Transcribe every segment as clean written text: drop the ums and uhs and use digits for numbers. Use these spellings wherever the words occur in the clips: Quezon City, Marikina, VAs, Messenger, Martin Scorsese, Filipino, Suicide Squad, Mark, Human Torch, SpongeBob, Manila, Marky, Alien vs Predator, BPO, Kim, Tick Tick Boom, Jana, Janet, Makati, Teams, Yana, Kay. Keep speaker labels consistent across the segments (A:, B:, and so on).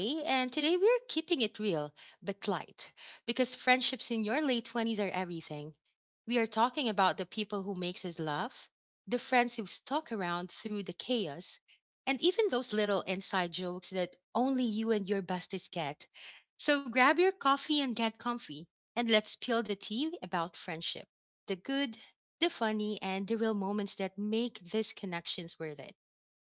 A: Hey, and today we're keeping it real but light because friendships in your late 20s are everything. We are talking about the people who makes us laugh, the friends who stuck around through the chaos, and even those little inside jokes that only you and your besties get. So grab your coffee and get comfy, and let's spill the tea about friendship. The good, the funny, and the real moments that make these connections worth it.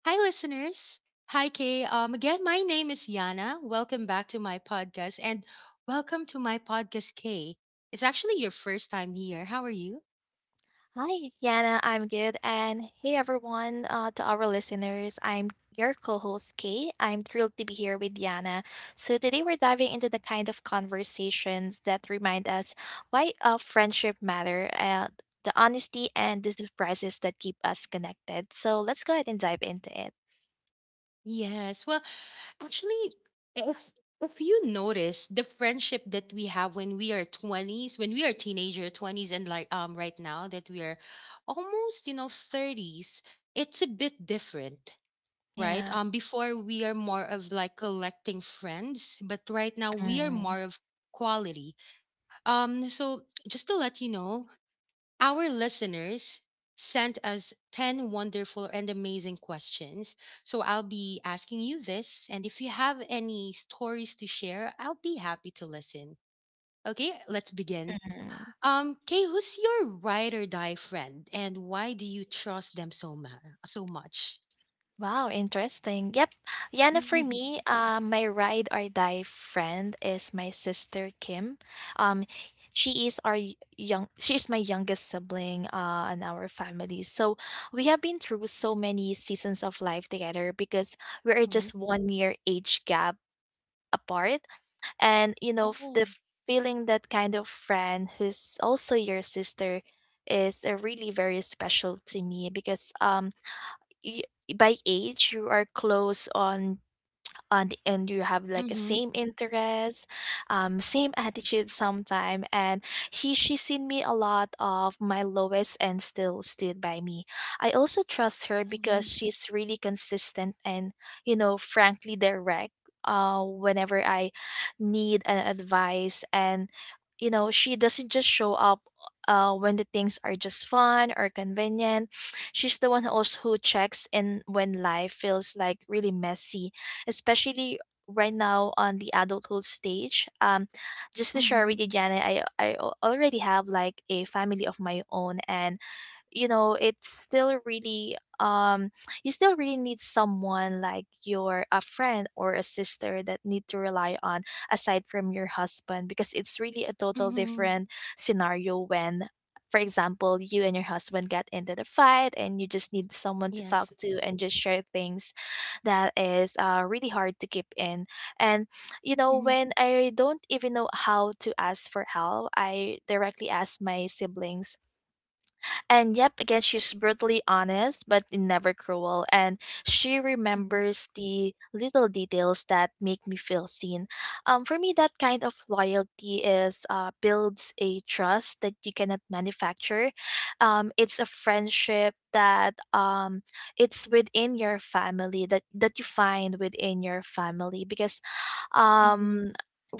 A: Hi, listeners. Hi, Kay. Again, my name is Yana. Welcome back to my podcast, and welcome to my podcast, Kay. It's actually your first time here. How are you?
B: Hi, Yana. I'm good. And hey, everyone, to our listeners, I'm your co host, Kay. I'm thrilled to be here with Yana. So, today we're diving into the kind of conversations that remind us why friendship matter, the honesty, and the surprises that keep us connected. So, let's go ahead and dive into it.
A: Yes. Well, actually, if if you notice the friendship that we have when we are 20s, when we are teenager 20s and like right now that we are almost, you know, 30s, it's a bit different. Right?
B: Yeah.
A: Before we are more of like collecting friends, but right now we are
B: Mm,
A: more of quality. So just to let you know, our listeners sent us 10 wonderful and amazing questions. So I'll be asking you this, and if you have any stories to share, I'll be happy to listen. Okay, let's begin.
B: mhm.
A: Kay, who's your ride or die friend, and why do you trust them so much?
B: Wow, interesting. Yep. Yana, for
A: Hmm.
B: me, my ride or die friend is my sister Kim. Um, she is my youngest sibling, in our family. So we have been through so many seasons of life together because we are just 1 year age gap apart. And, you know, f-
A: Oh.
B: the feeling that kind of friend who's also your sister is really very special to me because, y- by age you are close on and you have
A: Mhm.
B: like a same interest same attitude sometime and he she's seen me a lot of my lowest and still stood by me. I also trust her because
A: Mhm,
B: she's really consistent and, you know, frankly direct whenever I need an advice, and, you know, she doesn't just show up when the things are just fun or convenient. She's the one who also who checks in when life feels like really messy, especially right now on the adulthood stage. Just to share
A: mhm,
B: with you, Janet, I already have like a family of my own, and you know it's still really you still really need someone like your a friend or a sister that need to rely on aside from your husband because it's really a total
A: mhm.
B: different scenario when, for example, you and your husband get into the fight and you just need someone to
A: Yes.
B: talk to and just share things that is really hard to keep in. And, you know,
A: Mhm,
B: when I don't even know how to ask for help, I directly ask my siblings. And yep, again, she's brutally honest, but never cruel. And she
A: mhm,
B: remembers the little details that make me feel seen. For me, that kind of loyalty is builds a trust that you cannot manufacture. It's a friendship that it's within your family that you find within your family because
A: mhm.
B: um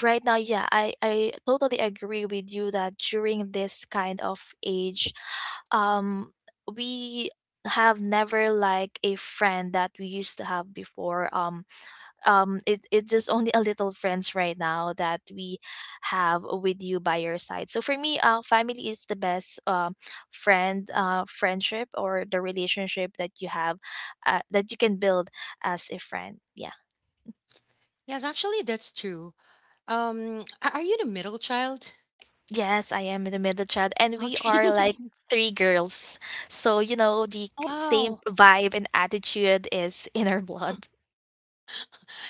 B: right now yeah I totally agree with you that during this kind of age um we have never like a friend that we used to have before it it's just only a little friends right now that we have with you by your side. So for me family is the best friend friendship or the relationship that you have that you can build as a friend. Yeah,
A: Yes, actually, that's true. Are you the middle child?
B: yes, I am in the middle child and we
A: Okay.
B: are like three girls, so you know the same
A: Wow.
B: vibe and attitude is in our blood.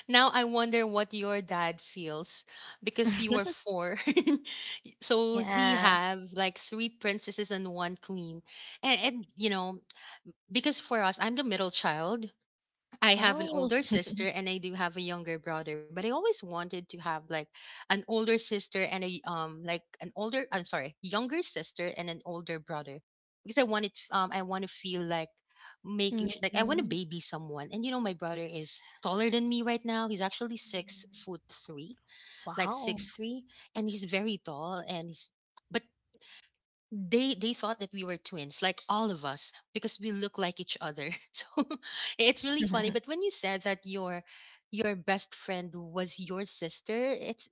A: Now I wonder what your dad feels because you were four. So he
B: Yeah.
A: have like three princesses and one queen. And you know, because for us, I'm the middle child. I have an
B: Oh.
A: older sister and I do have a younger brother, but I always wanted to have like an older sister and a like an older, I'm sorry, younger sister and an older brother because I wanted I want to feel like like I want to
B: Mhm.
A: baby someone. And you know my brother is taller than me right now. He's actually 6 foot 3, like
B: Wow.
A: 6'3", and he's very tall and he's but they thought that we were twins, like all of us, because we look like each other. So it's really funny. But when you said that your best friend was your sister, it's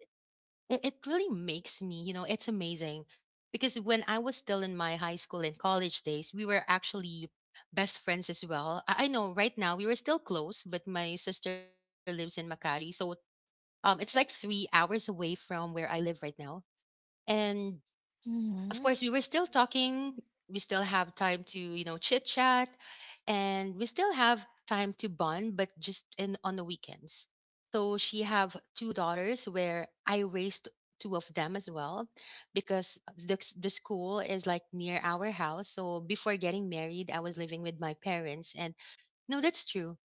A: it, it really makes me, you know, it's amazing. Because when I was still in my high school and college days, we were actually best friends as well. I know right now we were still close, but my sister lives in Makati, so it's like 3 hours away from where I live right now. And of
B: Mhm.
A: course we were still talking, we still have time to, you know, chit chat, and we still have time to bond, but just in on the weekends. So she have two daughters where I raised two of them as well because the school is like near our house. So before getting married I was living with my parents. And no, that's true,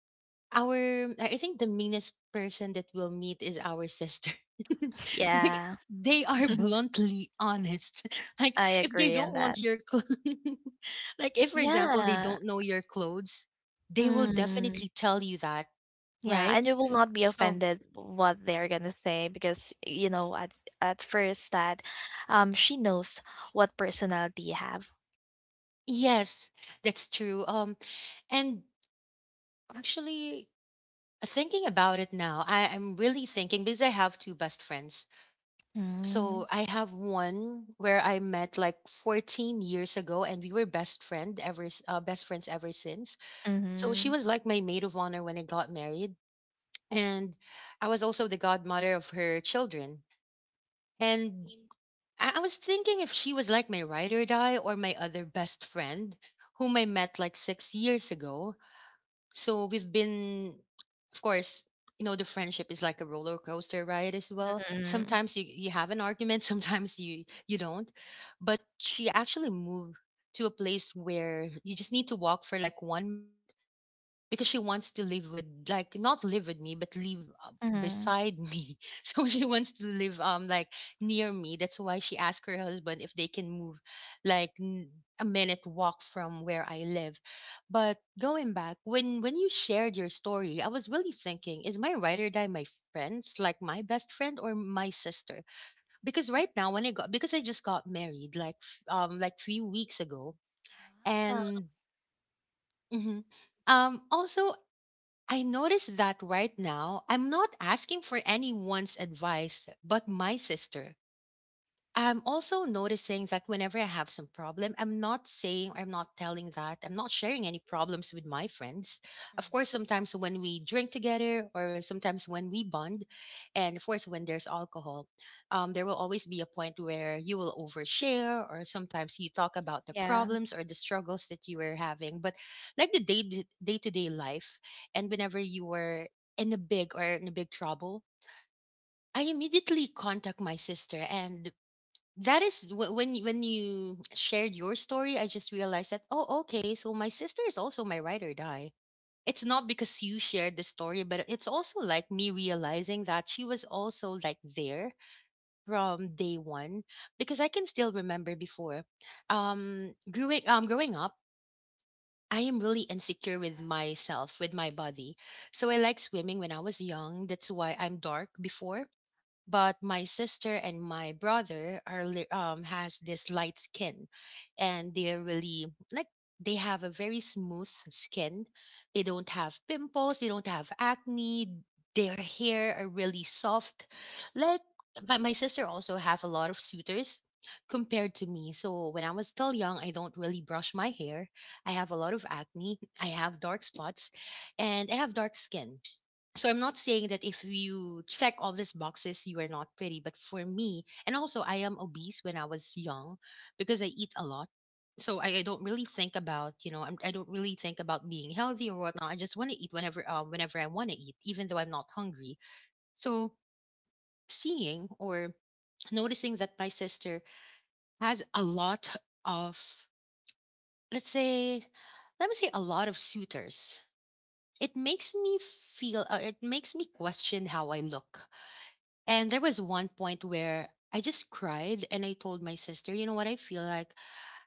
A: our I think the meanest person that we'll meet is our sister. Like
B: Yeah.
A: they are bluntly honest. Like
B: I
A: if they
B: agree
A: don't
B: on that.
A: want your clothes, like if for example they
B: Yeah.
A: don't know your clothes, they will
B: Mm,
A: definitely tell you that,
B: yeah,
A: right?
B: and you will not be
A: So
B: offended what they're gonna say because you know at at first that she knows what personality you have.
A: yes, that's true. And actually thinking about it now, I'm really thinking because I have two best friends.
B: Mm,
A: So I have one where I met like 14 years ago, and we were best friends ever since. So she
B: mm-hmm.
A: was like my maid of honor when I got married, and I was also the godmother of her children. And I was thinking if she was like my ride or die or my other best friend, whom I met like 6 years ago. So we've been, of course, you know, the friendship is like a roller coaster ride as well.
B: Mm-hmm.
A: Sometimes you have an argument, sometimes you don't. But she actually moved to a place where you just need to walk for like 1 minute because she wants to live with like not live with me but live uh,
B: Mm-hmm.
A: beside me. So she wants to live like near me, that's why she asked her husband if they can move like n- a minute walk from where I live. But going back, when you shared your story I was really thinking, is my ride or die my friends like my best friend or my sister? Because right now when I just got married like like 3 weeks ago,
B: Wow.
A: and mhm, also I noticed that right now, I'm not asking for anyone's advice but my sister. I'm also noticing that whenever I have some problem, I'm not saying, I'm not telling that, I'm not sharing any problems with my friends. Of course,
B: Mm.
A: sometimes when we drink together or sometimes when we bond, and of course, when there's alcohol, there will always be a point where you will overshare or sometimes you talk about the
B: Yeah.
A: problems or the struggles that you were having. But like the day to day life, and whenever you were in a big trouble, I immediately contact my sister. And that is when you shared your story I just realized that oh, okay, so my sister is also my ride or die. It's not because you shared the story, but it's also like me realizing that she was also like there from day one. Because I can still remember before growing up I am really insecure with myself, with my body. So I like swimming when I was young, that's why I'm dark before. But my sister and my brother has this light skin and they're really like they have a very smooth skin, they don't have pimples, they don't have acne, their hair are really soft. Like my sister also have a lot of suitors compared to me. So when I was still young I don't really brush my hair, I have a lot of acne, I have dark spots, and I have dark skin. So I'm not saying that if you check all these boxes, you are not pretty. But for me, and also I am obese when I was young because I eat a lot. So I don't really think about, you know, I don't really think about being healthy or whatnot. I just want to eat whenever, whenever I want to eat, even though I'm not hungry. So seeing or noticing that my sister has a lot of, let's say, let me say a lot of suitors. It makes me feel, it makes me question how I look. And there was one point where I just cried and I told my sister, you know what, I feel like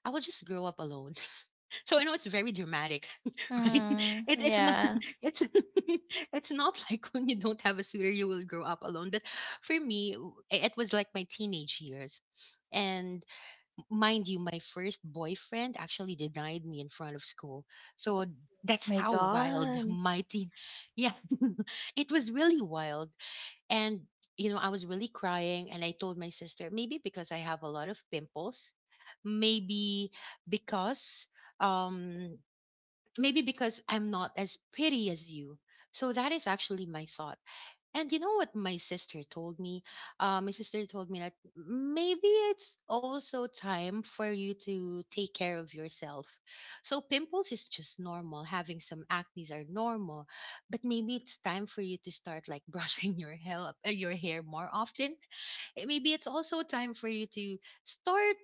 A: I will just grow up alone. So I know it's very dramatic, right?
B: Mm,
A: It's not
B: yeah.
A: it's it's not like when you don't have a suitor you will grow up alone. But for me, it was like my teenage years. And mind you, my first boyfriend actually denied me in front of school. So that's
B: My
A: how wild
B: god.
A: my teen, yeah, it was really wild. And, you know, I was really crying. And I told my sister, maybe because I have a lot of pimples, maybe because, um, maybe because I'm not as pretty as you. So that is actually my thought. And you know what my sister told me? My sister told me that maybe it's also time for you to take care of yourself. So pimples is just normal. Having some acne's are normal, but maybe it's time for you to start like brushing your hair, your hair more often. Eh, maybe it's also time for you to start,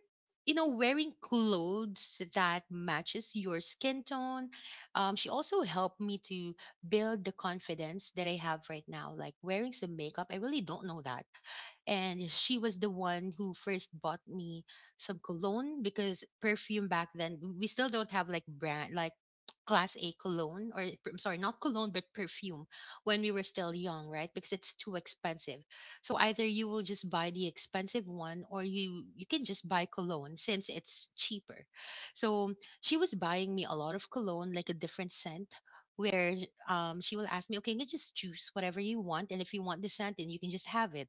A: you know, wearing clothes that matches your skin tone. She also helped me to build the confidence that I have right now. Like wearing some makeup, I really don't know that. And she was the one who first bought me some cologne, because perfume back then, we still don't have like brand, like class A cologne, or I'm sorry, not cologne, but perfume when we were still young, right? Because it's too expensive. So either you will just buy the expensive one or you can just buy cologne since it's cheaper. So she was buying me a lot of cologne, like a different scent, where she will ask me, okay, you just choose whatever you want. And if you want the satin, you can just have it,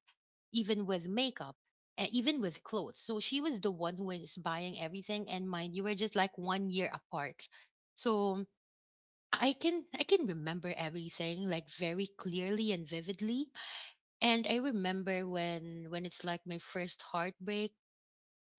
A: even with makeup, and even with clothes. So she was the one who was buying everything. And mind you, we're just like 1 year apart. So I can remember everything like very clearly and vividly. And I remember when it's like my first heartbreak.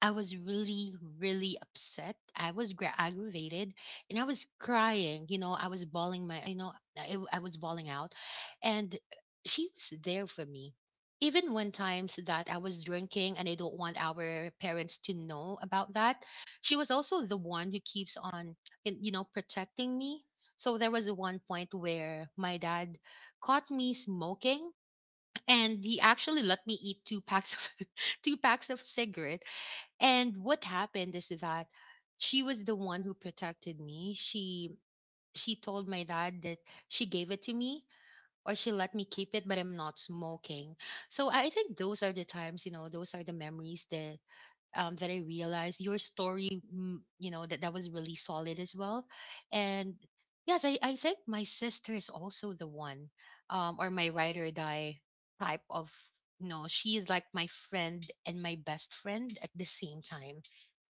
A: I was really, really upset. Aggravated and I was crying. I was bawling my, you know, I was bawling out. And she was there for me. Even when times that I was drinking and I don't want our parents to know about that, she was also the one who keeps on, protecting me. So there was one point where my dad caught me smoking, and he actually let me eat two packs of two packs of cigarette. And what happened is that she was the one who protected me. She told my dad that she gave it to me, or she let me keep it, but I'm not smoking. So I think those are the times, you know, those are the memories that that I realized your story, mm, you know, that was really solid as well. And yes, I think my sister is also the one, or my ride or die type of. You know, she is like my friend and my best friend at the same time,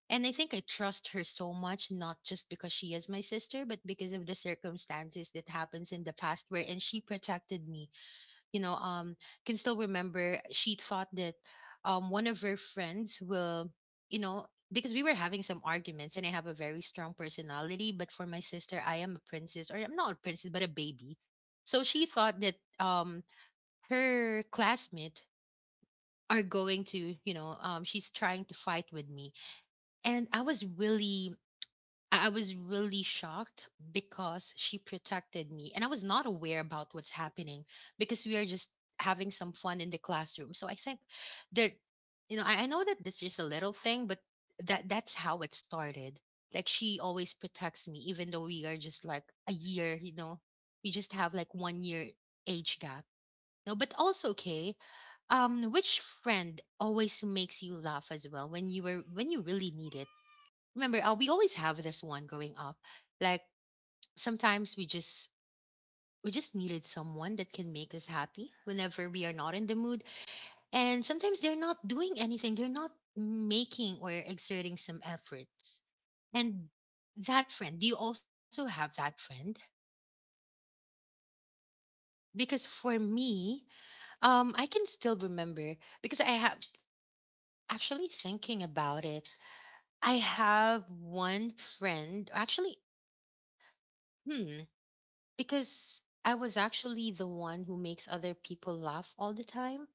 A: and I think I trust her so much, not just because she is my sister, but because of the circumstances that happens in the past where and she protected me. You know, can still remember. She thought that one of her friends will, you know, because we were having some arguments, and I have a very strong personality, but for my sister, I am a princess, or I'm not a princess, but a baby. So she thought that her classmate are going to, she's trying to fight with me. And I was really shocked because she protected me, and I was not aware about what's happening because we are just having some fun in the classroom. So I think that, you know, I know that this is a little thing, but that's how it started. Like she always protects me, even though we are just like a year, you know, we just have like 1 year age gap. No, but also okay. Which friend always makes you laugh as well when you were when you really need it? Remember, we always have this one growing up. Like sometimes we just needed someone that can make us happy whenever we are not in the mood, and sometimes they're not doing anything, they're not making or exerting some efforts. And that friend, do you also have that friend? Because for me, I can still remember. Because I have, actually thinking about it, I have one friend actually. Hmm. Because I was actually the one who makes other people laugh all the time.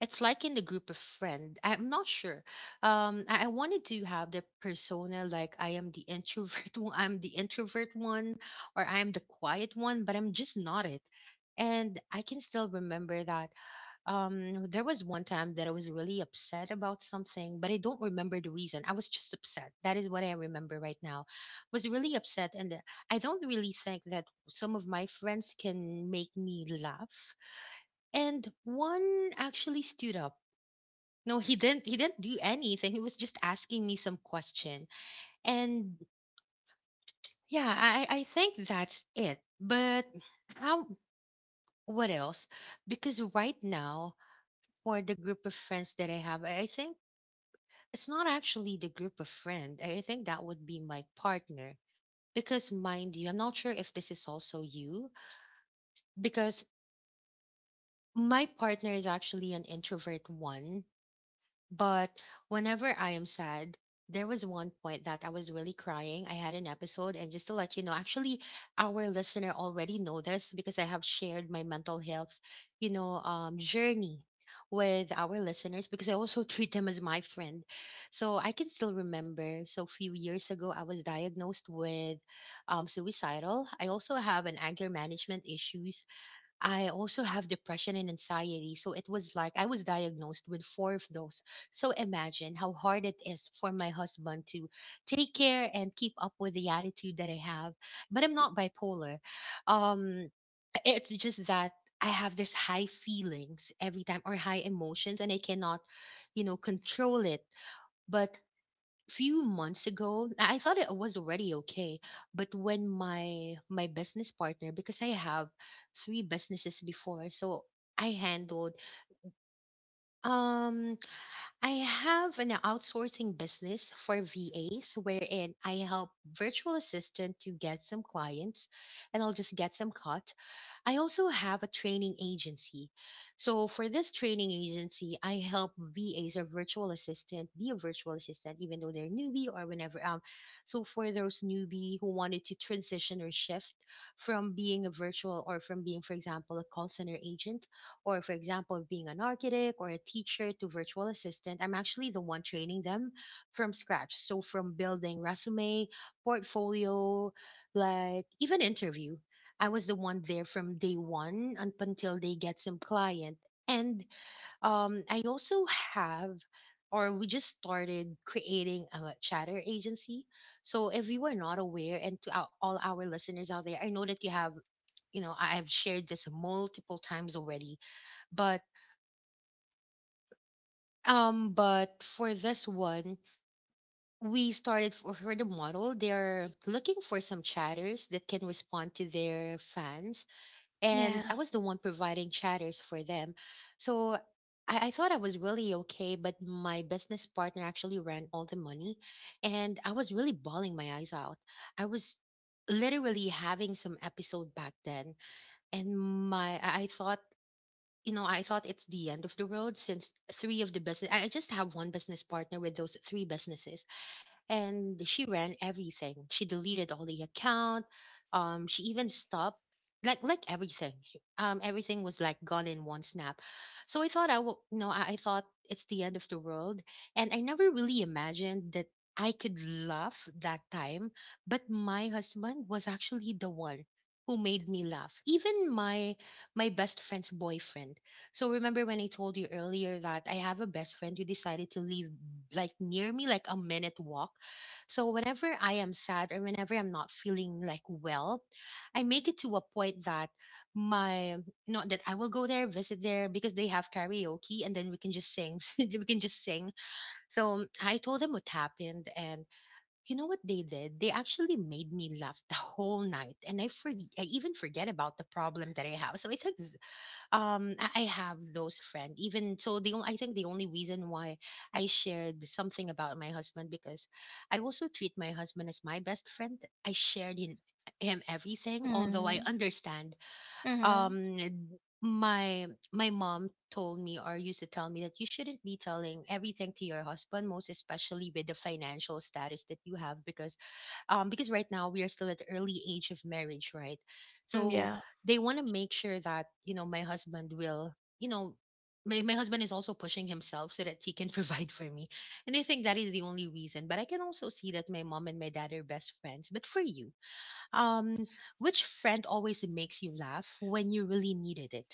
A: It's like in the group of friend. I'm not sure. I wanted to have the persona like I am the introvert. I'm the introvert one, or I am the quiet one, but I'm just not it. And I can still remember that there was one time that I was really upset about something, but I don't remember the reason. I was just upset. That is what I remember right now. Was really upset, and I don't really think that some of my friends can make me laugh. And one actually stood up. No, he didn't. He didn't do anything. He was just asking me some question, and yeah, I think that's it. But how? What else? Because right now, for the group of friends that I have, I think it's not actually the group of friend. I think that would be my partner. Because mind you, I'm not sure if this is also you, because my partner is actually an introvert one. But whenever I am sad, there was one point that I was really crying. I had an episode, and just to let you know, actually, our listener already know this because I have shared my mental health, journey with our listeners because I also treat them as my friend. So I can still remember. So a few years ago, I was diagnosed with suicidal. I also have an anger management issues. I also have depression and anxiety. So it was like I was diagnosed with four of those. So imagine how hard it is for my husband to take care and keep up with the attitude that I have. But I'm not bipolar. Um, it's just that I have this high feelings every time or high emotions, and I cannot, you know, control it. But few months ago, I thought it was already okay. But when my business partner, because I have three businesses before, so I handled, um I have an outsourcing business for VAs wherein I help virtual assistant to get some clients, and I'll just get some cut. I also have a training agency. So for this training agency, I help VAs or virtual assistant be a virtual assistant, even though they're newbie or whenever. So for those newbie who wanted to transition or shift from being a virtual, or from being, for example, a call center agent, or for example, being an architect or a teacher to virtual assistant, I'm actually the one training them from scratch. So from building resume, portfolio, like even interview. I was the one there from day one up until they get some client. And I also have, or we just started creating a chatter agency. So if you are not aware, and to our, all our listeners out there, I know that you have, you know, I've shared this multiple times already, but but for this one, we started for the model. They're looking for some chatters that can respond to their fans,
B: Yeah.
A: and I was the one providing chatters for them. So I thought I was really okay, but my business partner actually ran all the money, and I was really bawling my eyes out. I was literally having some episode back then, and I thought. You know, I thought it's the end of the road since three of the business. I just have one business partner with those three businesses, and she ran everything. She deleted all the account. She even stopped like everything. Everything was like gone in one snap. So I thought I will, you know, I thought it's the end of the world, and I never really imagined that I could laugh that time. But my husband was actually the one who made me laugh. Even my best friend's boyfriend. So remember when I told you earlier that I have a best friend who decided to live like near me, like a minute walk. So whenever I am sad or whenever I'm not feeling like well, I make it to a point that my, not that I will go there, visit there because they have karaoke, and then we can just sing. We can just sing. So I told them what happened, and you know what they did? They actually made me laugh the whole night, and I even forget about the problem that I have. So I think I have those friends. Even so, I think the only reason why I shared something about my husband because I also treat my husband as my best friend. I shared in him everything, although I
B: Mm.
A: understand.
B: Mhm.
A: Um, my my mom told me or used to tell me that you shouldn't be telling everything to your husband, most especially with the financial status that you have, because right now we are still at the early age of marriage, right?
B: Mm,
A: So
B: yeah.
A: they want to make sure that, you know, my husband will, you know, my husband is also pushing himself so that he can provide for me. And I think that is the only reason. But I can also see that my mom and my dad are best friends. But for you, um, which friend always makes you laugh when you really needed it?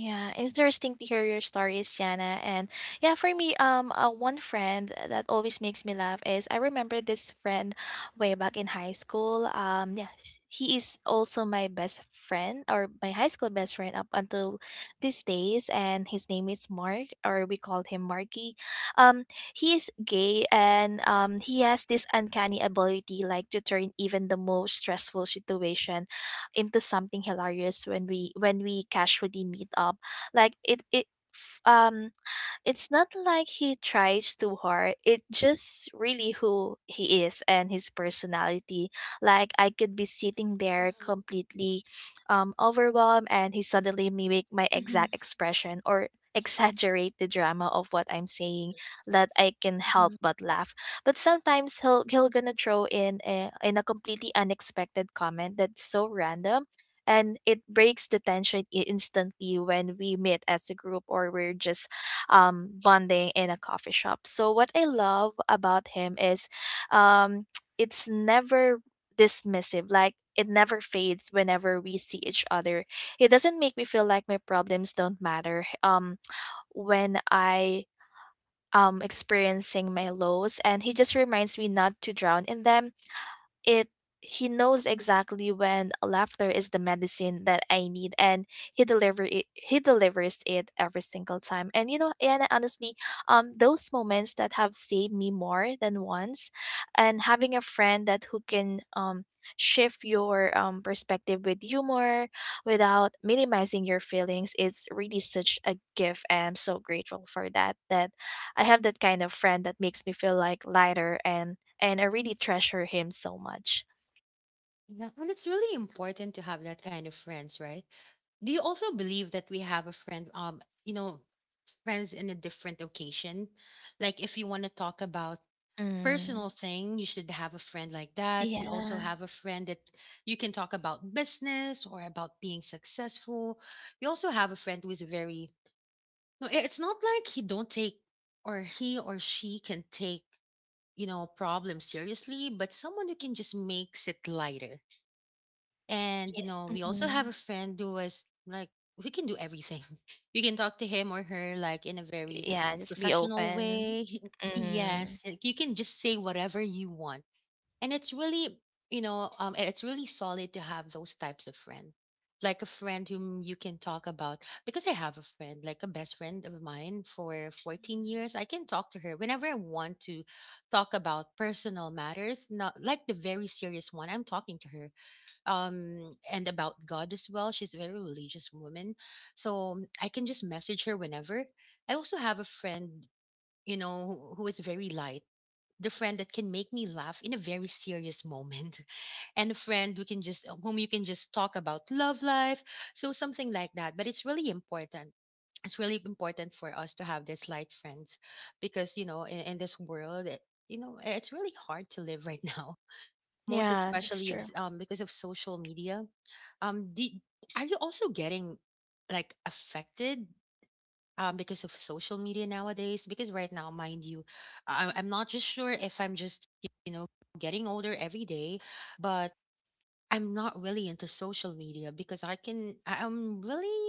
B: Yeah, it's interesting to hear your stories, Jana. And yeah, for me, one friend that always makes me laugh is I remember this friend way back in high school. Yeah, he is also my best friend or my high school best friend up until these days, and his name is Mark, or we called him Marky. Um, he is gay, and he has this uncanny ability like to turn even the most stressful situation into something hilarious when we casually meet up like it f- um it's not like he tries too hard. It just really who he is and his personality. Like I could be sitting there
A: Mhm.
B: completely overwhelmed and he suddenly mimic my
A: Hmm.
B: exact expression or exaggerate the drama of what I'm saying that I can help
A: Hmm.
B: but laugh. But sometimes he'll gonna throw in in a completely unexpected comment that's so random and it breaks the tension instantly when we meet as a group or we're just bonding in a coffee shop. So what I love about him is um, it's never dismissive. Like it never fades whenever we see each other. It doesn't make me feel like my problems don't matter. When I experiencing my lows and he just reminds me not to drown in them. It he knows exactly when laughter is the medicine that I need, and he delivers it every single time. And you know, and honestly, those moments that have saved me more than once, and having a friend that who can shift your perspective with humor without minimizing your feelings, it's really such a gift, and I'm so grateful for that, that I have that kind of friend that makes me feel like lighter, and I really treasure him so much.
A: Yeah, and it's really important to have that kind of friends, right? Do you also believe that we have a friend, you know, friends in a different occasion? Like if you want to talk about
B: Mm,
A: personal thing, you should have a friend like that. You also
B: yeah.
A: have a friend that you can talk about business or about being successful. You also have a friend who is very, no, it's not like he don't take, or he or she can take, you know, problems seriously, but someone who can just makes it lighter. And you know,
B: Yeah,
A: we also have
B: mhm.
A: a friend who was like, we can do everything. You can talk to him or her like in a very
B: Yeah, just be
A: professional
B: open.
A: way.
B: Mhm.
A: Yes, like, you can just say whatever you want. And it's really, it's really solid to have those types of friend. Like a friend whom you can talk about because I have a friend, like a best friend of mine for 14
B: Mhm.
A: years. I can talk to her whenever I want to talk about personal matters, not like the very serious one. I'm talking to her and about god as well. She's a very religious woman, so I can just message her whenever. I also have a friend, who is very light, the friend that can make me laugh in a very serious moment. And a friend who can just whom you can just talk about love life, so something like that. But it's really important, it's really important for us to have these light friends because in this world it, you know eh, it's really hard to live right now, most
B: Yeah, that's
A: especially
B: true.
A: because of social media. Um, do, are you also getting like affected because of social media nowadays? Because right now, mind you, I'm not just sure if I'm just, you know, getting older every day, but I'm not really into social media because I'm really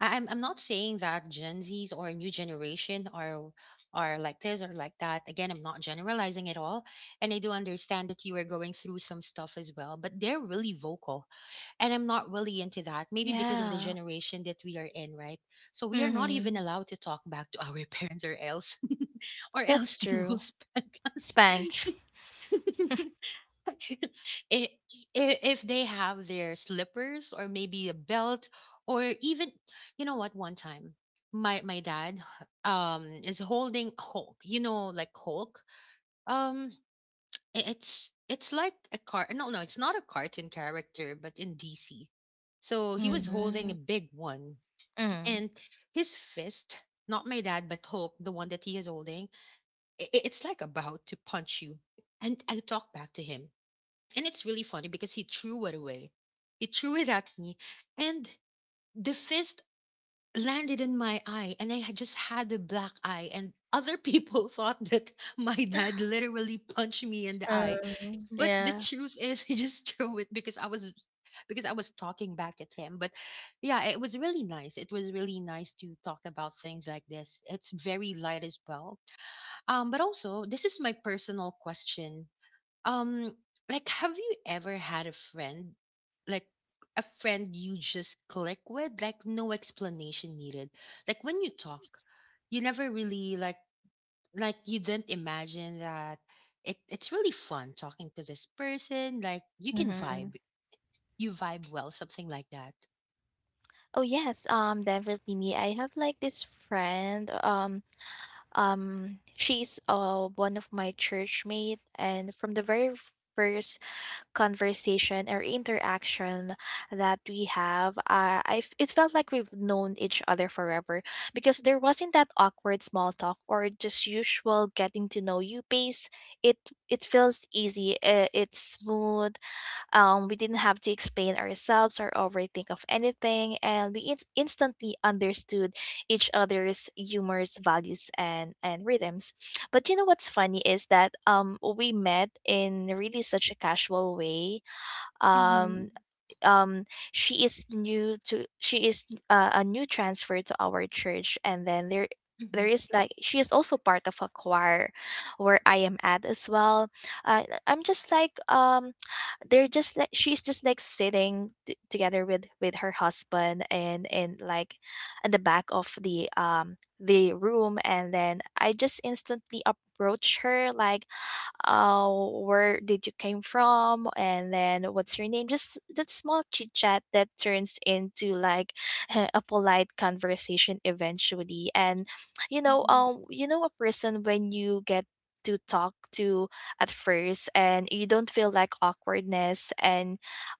A: I'm not saying that Gen Zs or new generation are like this or like that. Again, I'm not generalizing at all, and I do understand that you are going through some stuff as well. But they're really vocal, and I'm not really into that. Maybe because of the
B: Yeah.
A: generation that we are in, right? So we are not even
B: Mhm.
A: allowed to talk back to our parents, or else, or else
B: That's
A: they
B: true.
A: will spank us.
B: Spank.
A: I- if they have their slippers or maybe a belt, or even, you know what, one time my dad is holding hulk, you know, like hulk. um it's like a car. No, no, it's not a cartoon character, but in dc. So he was holding a
B: Mhm.
A: big one,
B: Mm.
A: and his fist, not my dad but hulk, the one that he is holding, it's like about to punch you. And I talk back to him, and it's really funny because he threw it away. He threw it at me, and the fist landed in my eye, and I had just had a black eye. And other people thought that my dad literally punched me in the eye, but the
B: Yeah.
A: truth is, he just threw it because I was, because I was talking back at him. But yeah, it was really nice. It was really nice to talk about things like this. It's very light as well. But also, this is my personal question. um, like, have you ever had a friend, like a friend you just click with, like no explanation needed? Like when you talk, you never really like you didn't imagine that it's really fun talking to this person. Like you can
B: Mhm.
A: vibe, you vibe well, something like that.
B: Oh, yes, definitely me. I have, like, this friend, she's, one of my church mate, and from the very first conversation or interaction that we have, I it felt like we've known each other forever because there wasn't that awkward small talk or just usual getting to know you pace. It it feels easy. It's smooth we didn't have to explain ourselves or overthink of anything, and we instantly understood each other's humors, values, and rhythms. But you know what's funny is that we met in really such a casual way
A: Mm-hmm.
B: um um she is a new transfer to our church, and then there
A: Mm-hmm.
B: there is like she is also part of a choir where I am at as well. I'm just like she's just like sitting together with her husband and like in the back of the room, and then I just instantly approach her like, where did you came from, and then what's your name, just that small chit chat that turns into like a polite conversation eventually. And
A: Mm-hmm.
B: you know a person when you get to talk to at first and you don't feel like awkwardness and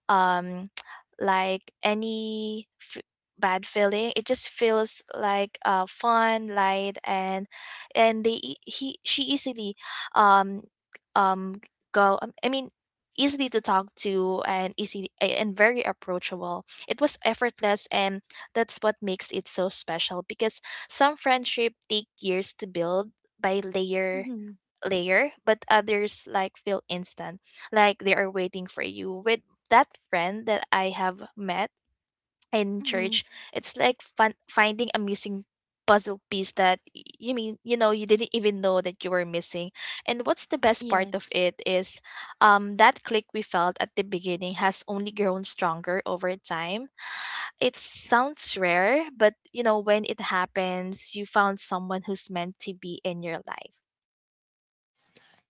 B: um like any bad feeling. It just feels like fun light, and they e- he she easily um um go I mean, easily to talk to and easy and very approachable. It was effortless, and that's what makes it so special because some friendship take years to build by layer
A: Mm-hmm.
B: layer, but others like feel instant, like they are waiting for you. With that friend that I have met in
A: Mm-hmm.
B: church, it's like finding a missing puzzle piece that you mean you know you didn't even know that you were missing. And what's the best part of
A: Yes.
B: it is that click we felt at the beginning has only grown stronger over time. It sounds rare, but you know when it happens you found someone who's meant to be in your life.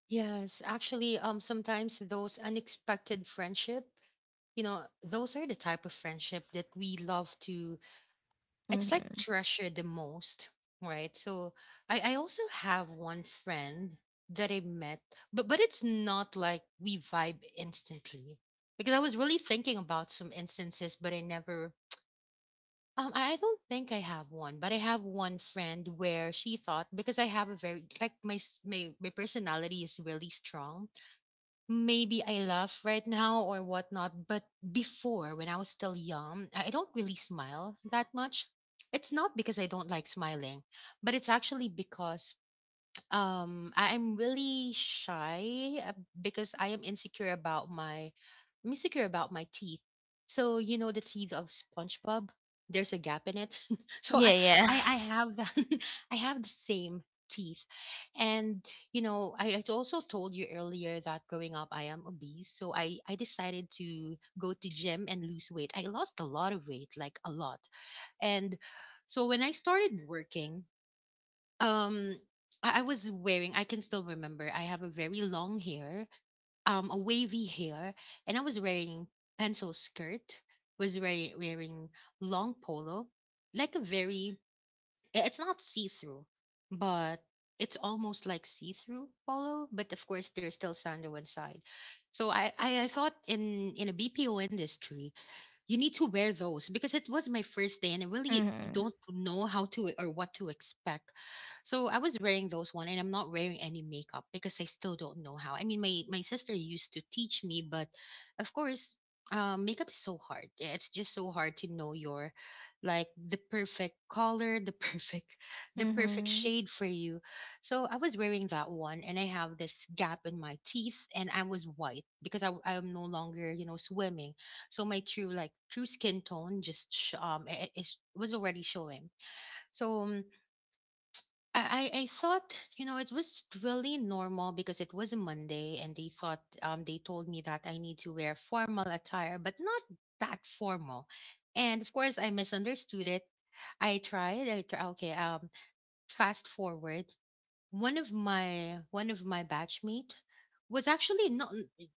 A: Yes, actually, sometimes those unexpected friendship, those are the type of friendship that we love to, it's like
B: Mm-hmm.
A: treasure the most, right? So I also have one friend that I met, but it's not like we vibe instantly. Because I was really thinking about some instances, but I never, I don't think I have one, but I have one friend where she thought, because I have a very like my personality is really strong. Maybe I laugh right now or whatnot, but before, when I was still young, I don't really smile that much. It's not because I don't like smiling, but it's actually because I'm really shy because I am insecure about my, I'm insecure about my teeth. So you know the teeth of SpongeBob, there's a gap in it. So
B: Yeah,
A: I,
B: yeah.
A: have that. I have the same teeth, and you know, I also told you earlier that growing up I am obese. So I decided to go to gym and lose weight. I lost a lot of weight, like a lot, and so when I started working, um. I was wearing, I can still remember, I have a very long hair, a wavy hair, and I was wearing pencil skirt, was wearing long polo, like a very, it's not see-through, but it's almost like see-through polo, but of course there's still sandal inside. So I, thought in a BPO industry, you need to wear those because it was my first day and I really
B: Mm-hmm.
A: don't know how to or what to expect. So I was wearing those one and I'm not wearing any makeup because I still don't know how. I mean, my sister used to teach me, but of course, makeup is so hard. It's just so hard to know your, like the perfect color, the perfect, the perfect
B: Mm-hmm.
A: shade for you. So I was wearing that one and I have this gap in my teeth and I was white because I'm no longer, you know, swimming, so my true like true skin tone just it, it was already showing. So I thought, you know, it was really normal because it was a monday and they thought, they told me that I need to wear formal attire but not that formal, and of course I misunderstood it. I tried I tr- Okay, fast forward, one of my batchmate was actually not,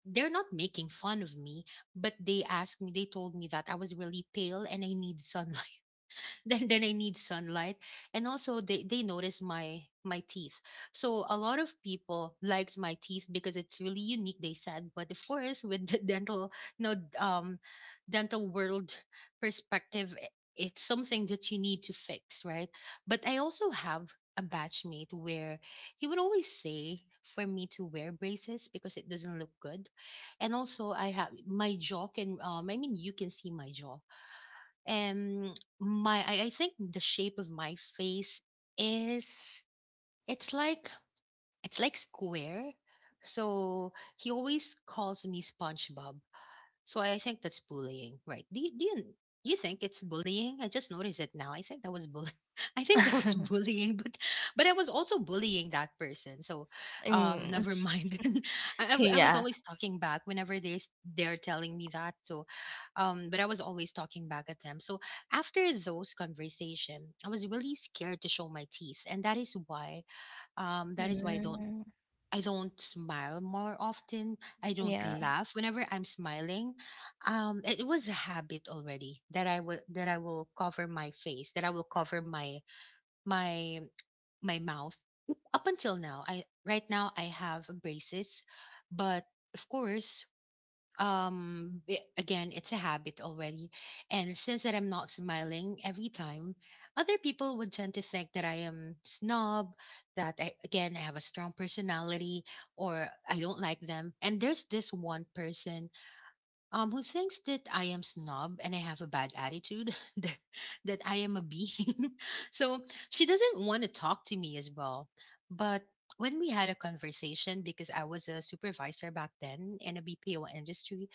A: they're not making fun of me, but they asked me, they told me that I was really pale and I need sunlight. Then I need sunlight. And also they notice my teeth. So a lot of people likes my teeth because it's really unique, they said. But of course, with the dental, no dental world perspective, it's something that you need to fix, right? But I also have a batchmate where he would always say for me to wear braces because it doesn't look good. And also, I have my jaw can, I mean you can see my jaw. Um my I think the shape of my face is, it's like, it's like square, so he always calls me spongebob. So I think that's bullying, right? Do you, do you think it's bullying? I just noticed it now. I think that was bull. I think that was bullying, but I was also bullying that person. So,
B: Mm.
A: never mind. I was
B: Yeah.
A: always talking back whenever they're telling me that. So, but I was always talking back at them. So after those conversation, I was really scared to show my teeth, and that is why, that is why
B: Mm.
A: I don't smile more often. I don't
B: Yeah.
A: laugh whenever I'm smiling. It was a habit already that I will, that I will cover my face, that I will cover my my mouth. Up until now, I right now I have braces, but of course, again, it's a habit already. And since that I'm not smiling every time, other people would tend to think that I am snob, that I, again, I have a strong personality, or I don't like them. And there's this one person, who thinks that I am snob and I have a bad attitude, that, that I am a bean. So she doesn't want to talk to me as well. But when we had a conversation, because I was a supervisor back then in a BPO industry,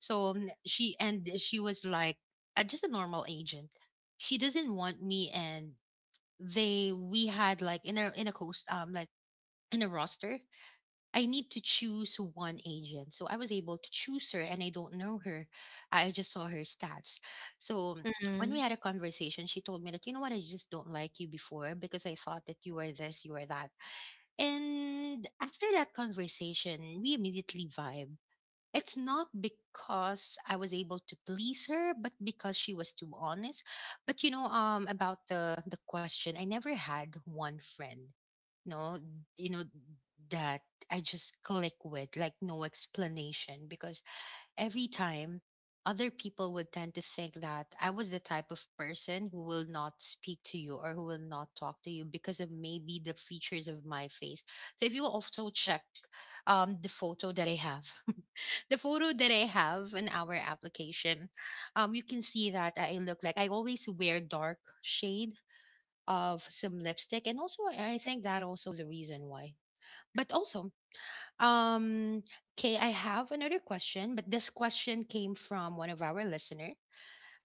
A: so she was like just a normal agent. She doesn't want me, and they we had like in a coast like in a roster, I need to choose one agent. So I was able to choose her and I don't know her. I just saw her stats. So when we
B: Mm.
A: had a conversation, she told me that, you know what, I just don't like you before because I thought that you were this, you were that. And after that conversation, we immediately vibe. It's not because I was able to please her, but because she was too honest. But you know, about the question, I never had one friend, no, you know, that I just click with, like, no explanation, because every time other people would tend to think that I was the type of person who will not speak to you or who will not talk to you because of maybe the features of my face. So if you also check, the photo that I have the photo that I have in our application, you can see that I look like I always wear dark shade of some lipstick, and also I think that also the reason why. But also, um, okay, I have another question, but this question came from one of our listener.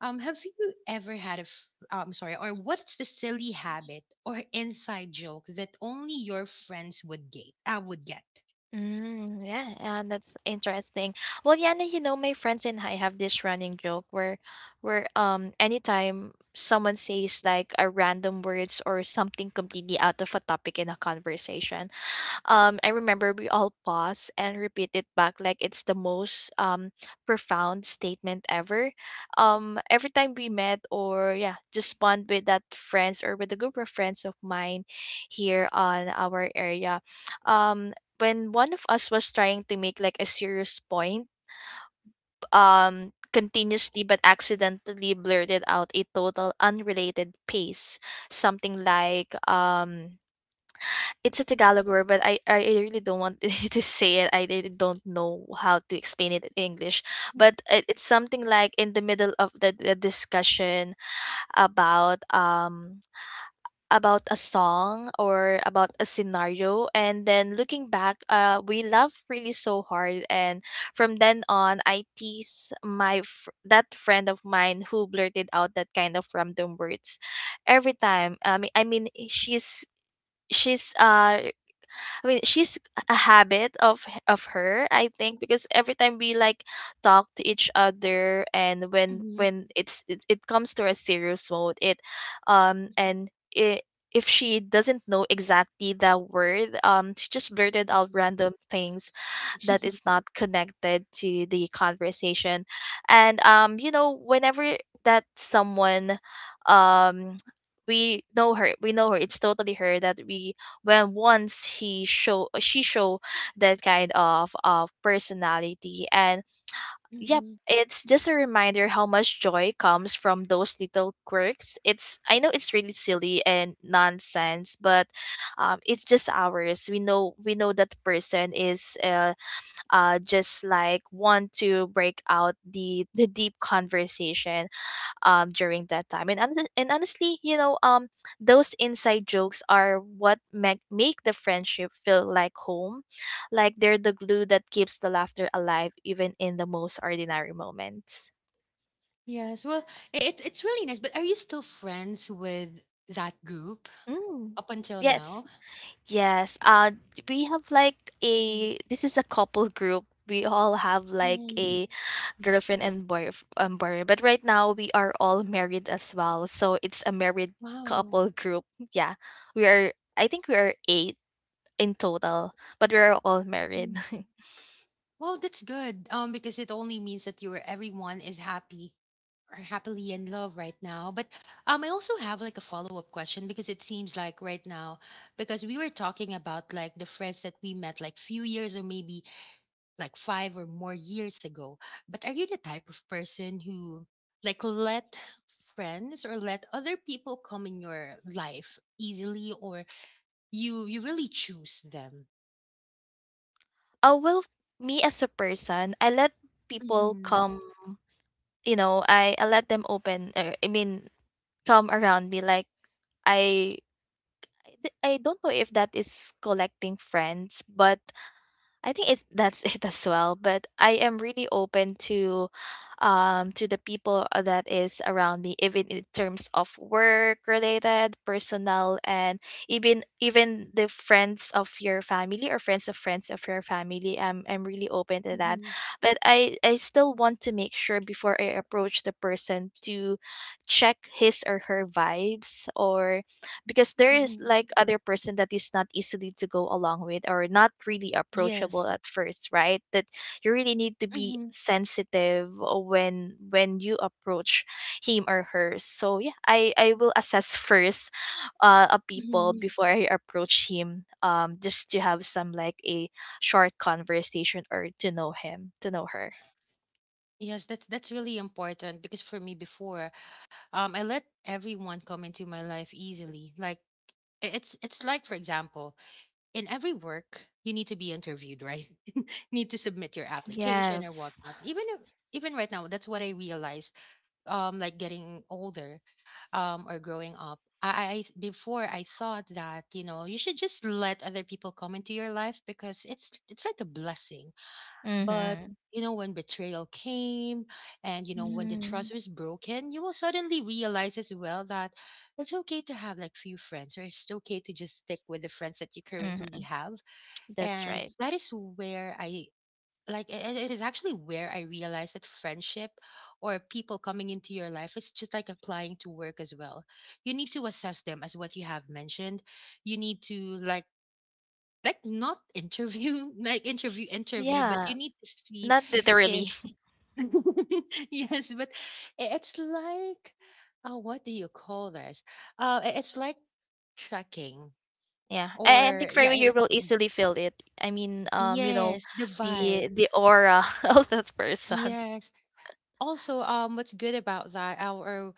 A: Have you ever had a, sorry, or what's the silly habit or inside joke that only your friends would get? I would get.
B: Mm, yeah, and that's interesting. Well, yeah, and you know, my friends and I have this running joke where anytime someone says like a random words or something completely out of a topic in a conversation, I remember we all paused and repeat it back like it's the most profound statement ever. Every time we met or yeah, just bond with that friends or with a group of friends of mine here on our area. Um, when one of us was trying to make like a serious point, continuously but accidentally blurted out a total unrelated pace, something like it's a Tagalog word, but I really don't want to say it. I really don't know how to explain it in English. But it's something like in the middle of the discussion about um about a song or about a scenario, and then looking back we laugh really so hard. And from then on I tease my that friend of mine who blurted out that kind of random words every time. I mean she's she's uh she's a habit of of her, I think, because every time we like talk to each other, and when
A: Mhm,
B: when it comes to a serious mode, um
A: mhm,
B: and it. If she doesn't know exactly the word, she just blurted out random things that
A: mhm,
B: is not connected to the conversation. And you know whenever that someone um we know her we know her, it's totally her that we when once he show she show that kind of personality. And yep,
A: mhm.
B: it's just a reminder how much joy comes from those little quirks. It's, I know, it's really silly and nonsense, but it's just ours. We know we know that person is just like want to break out the deep conversation during that time. And honestly, you know, those inside jokes are what make the friendship feel like home, like they're the glue that keeps the laughter alive even in the most ordinary moments.
A: Yes, well, it's really nice. But are you still friends with that group
B: Mm.
A: up until
B: Yes.
A: now?
B: Yes. We have like
A: Mhm,
B: a, this is a couple group. We all have like
A: mhm.
B: a girlfriend and boy. But right now we are all married as well. So it's a married
A: Wow.
B: couple group. Yeah. We are, I think we are eight in total, but we're all married.
A: Well, that's good. Because it only means that you your everyone is happy or happily in love right now. But I also have like a follow up question, because it seems like right now, because we were talking about like the friends that we met like few years, or maybe like 5 or more years ago. But are you the type of person who, like, let friends or let other people come in your life easily, or you really choose them?
B: uh, well, me as a person, I let people
A: Hmm,
B: come, you know, I let them open, come around me. Like, I, I don't know if that is collecting friends, but I think it's, that's it as well. But I am really open to the people that is around me, even in terms of work related, personal, and even the friends of your family or friends of your family. I'm really open to that.
A: hmm,
B: But I still want to make sure before I approach the person to check his or her vibes, or because there
A: hmm.
B: is like other person that is not easily to go along with or not really
A: Yes.
B: approachable at first, right? That you really need to be sensitive when you approach him or her. So yeah, I will assess first a people
A: Mhm.
B: before I approach him, just to have some like a short conversation or to know him, to know her.
A: Yes, that's really important, because for me before, I let everyone come into my life easily. Like, it's like, for example, in every work you need to be interviewed, right? need to submit your application or
B: Yes.
A: whatnot. Even if, even right now, that's what I realize. Like getting older, or growing up. I before I thought that, you know, you should just let other people come into your life because it's like a blessing. But
B: Mm-hmm,
A: you know, when betrayal came, and, you know, when the
B: mm-hmm.
A: trust was broken, you will suddenly realize as well that it's okay to have like few friends, or it's okay to just stick with the friends that you currently have.
B: That's
A: And
B: right.
A: that is where I, like, it is actually where I realized that friendship or people coming into your life is just like applying to work as well. You need to assess them as what you have mentioned. You need to, like like not interview like interview, but
B: Yeah,
A: you need to see
B: not
A: if
B: literally.
A: yes, but it's like, what do you call this, uh, it's like tracking,
B: Yeah, I
A: or
B: think for
A: yeah
B: me, you
A: it-
B: will
A: it's
B: easily feel it. I mean, you know,
A: yes the vibe.
B: the aura of that person.
A: Yes, also, um, what's good about that our,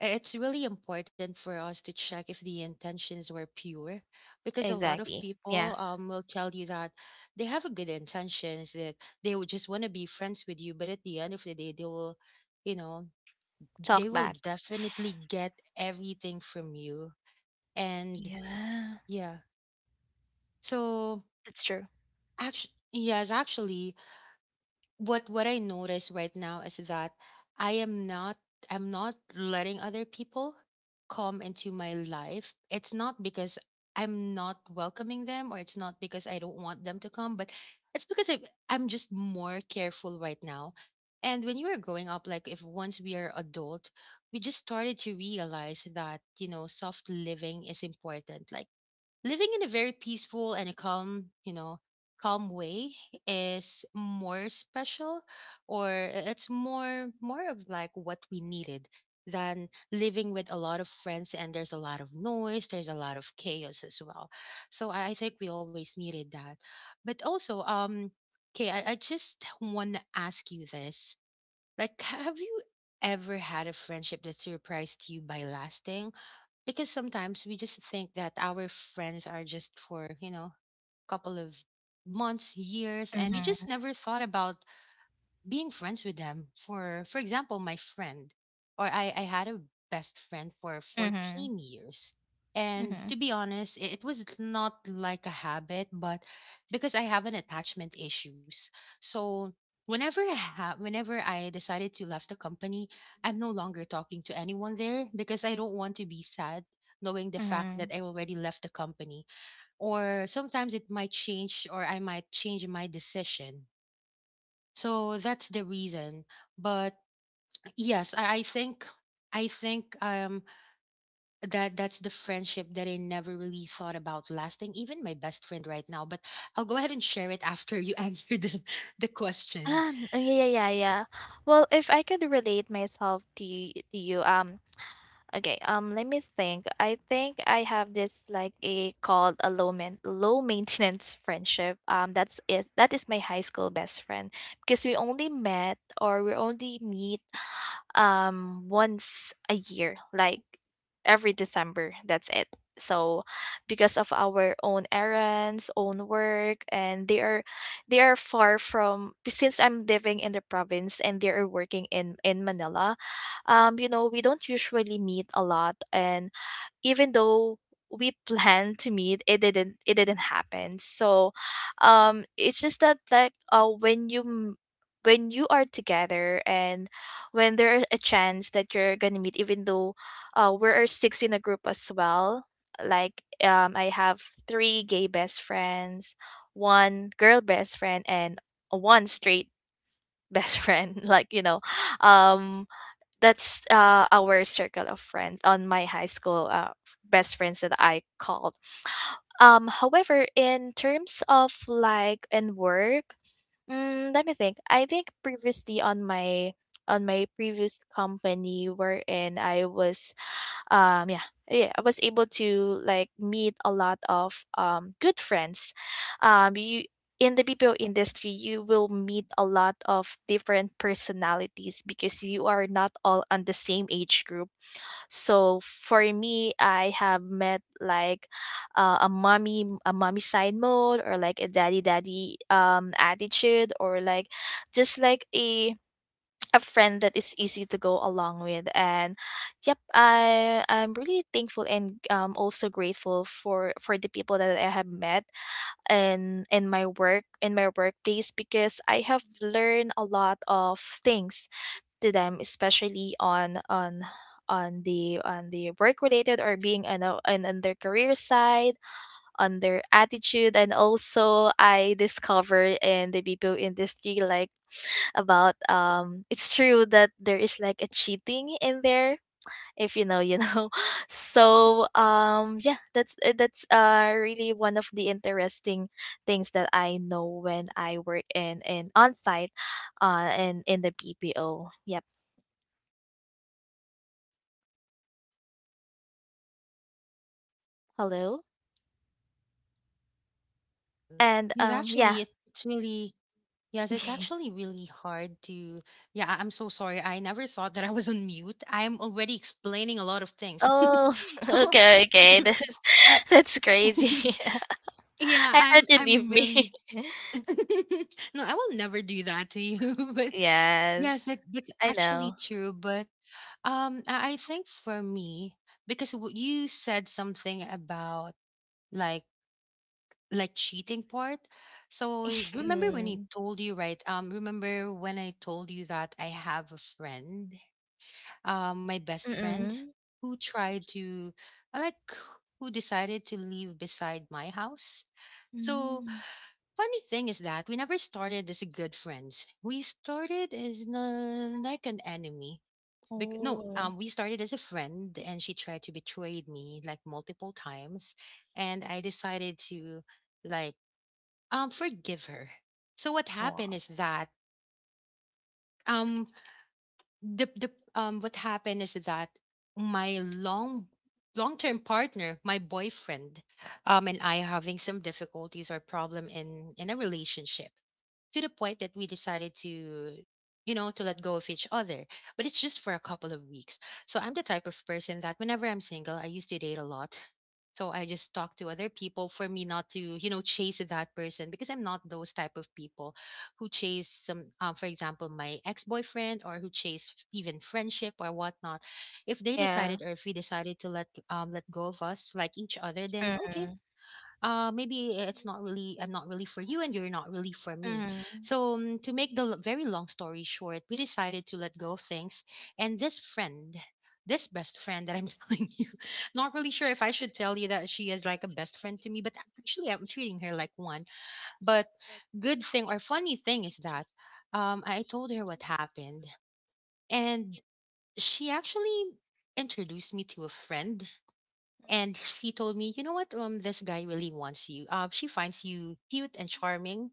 A: it's really important for us to check if the intentions were pure, because a lot of
B: Exactly. Yeah.
A: people, will tell you that they have a good intentions, that they would just want to be friends with you, but at the end of the day they will, you know, they
B: Talk
A: will
B: back.
A: definitely get everything from you. And
B: Yeah,
A: yeah, so
B: that's true.
A: actually, yes, actually, what I notice right now is that I am not I'm not letting other people come into my life. It's not because I'm not welcoming them, or it's not because I don't want them to come, but it's because I'm just more careful right now. And when you were growing up, like if once we are adult, we just started to realize that, you know, soft living is important. Like living in a very peaceful and a calm, you know, calm way is more special, or it's more, more of like what we needed, than living with a lot of friends and there's a lot of noise, there's a lot of chaos as well. So I think we always needed that. But also, okay, I just want to ask you this. Like, have you ever had a friendship that surprised you by lasting? Because sometimes we just think that our friends are just for, you know, a couple of months, years, and you
B: Mm-hmm.
A: just never thought about being friends with them for example, my friend, or I had a best friend for
B: Mm-hmm.
A: 14 years. And
B: Mm-hmm.
A: to be honest, it was not like a habit, but because I have an attachment issues. So whenever I have, whenever I decided to left the company, I'm no longer talking to anyone there, because I don't want to be sad knowing the fact
B: Mm-hmm.
A: that I already left the company, or sometimes it might change, or I might change my decision. So that's the reason. But yes, I think, I think, um, that that's the friendship that I never really thought about lasting, even my best friend right now. But I'll go ahead and share it after you answer the question.
B: Yeah, yeah. Well, if I could relate myself to to you, okay, let me think. I think I have this like a called a low maintenance friendship. That's it. That is my high school best friend, because we only met, or we only meet once a year, like every December. That's it. So because of our own errands, own work, and they are far from, since I'm living in the province and they are working in Manila. You know, we don't usually meet a lot, and even though we planned to meet, it didn't happen. So it's just that, like when you when you are together, and when there's a chance that you're gonna meet, even though we are six in a group as well. Like I have three gay best friends, one girl best friend, and one straight best friend, like, you know, um that's our circle of friends on my high school best friends that I called. However, in terms of like and work, mm, let me think. I think previously on my, on my previous company wherein I was yeah, yeah, I was able to like meet a lot of good friends. You, in the BPO industry, you will meet a lot of different personalities because you are not all on the same age group. So for me, I have met like a mommy side mode, or like a daddy attitude, or like just like a friend that is easy to go along with. And yep, I'm really thankful and also grateful for the people that I have met in my work, in my workplace, because I have learned a lot of things to them, especially on the work related, or being on, a, on their career side, on their attitude. And also I discovered in the BPO industry like about, it's true that there is like a cheating in there. If you know, you know. So yeah, that's really one of the interesting things that I know when I work in on site and in the BPO. Yep. Hello.
A: Um
B: And,
A: yes,
B: yeah.
A: actually it's really, yes, it's actually really hard to, yeah, I'm so sorry. I never thought that I was on mute. I'm already explaining a lot of things.
B: Oh,
A: So
B: okay, okay. This is
A: I
B: that's crazy.
A: yeah,
B: I thought
A: I'm
B: you'd
A: I'm
B: leave me.
A: really no, I will never do that to you. But yes,
B: Yes,
A: that that's
B: I
A: actually
B: know.
A: true. But I think for me, because you said something about like like cheating part. So remember when I
B: Mm.
A: told you, right? Remember when I told you that I have a friend, my best friend,
B: Mm.
A: who tried to, like, who decided to live beside my house. So
B: Mm.
A: funny thing is that we never started as good friends. We started as, like an enemy. No,
B: Oh.
A: we started as a friend, and she tried to betray me like multiple times, and I decided to, like, forgive her. So what
B: Oh,
A: happened
B: wow.
A: is that, um the what happened is that my long term partner, my boyfriend, and I having some difficulties or problem in a relationship, to the point that we decided to, you know, to let go of each other, but it's just for a couple of weeks. So I'm the type of person that whenever I'm single I used to date a lot. So I just talk to other people for me not to, you know, chase that person, because I'm not those type of people who chase some, for example, my ex-boyfriend, or who chase even friendship or whatnot. If they
B: Yeah.
A: decided, or if we decided to let, let go of us, like, each other, then okay,
B: Mm.
A: uh, maybe it's not really, I'm not really for you and you're not really for me.
B: Mm. Mm.
A: So, to make the very long story short, we decided to let go of things. And this friend, this best friend that I'm telling you, not really sure if I should tell you that she is like a best friend to me, but actually I'm treating her like one. But good thing, or funny thing, is that, I told her what happened, and she actually introduced me to a friend, and she told me, you know what, this guy really wants you. She finds you cute and charming,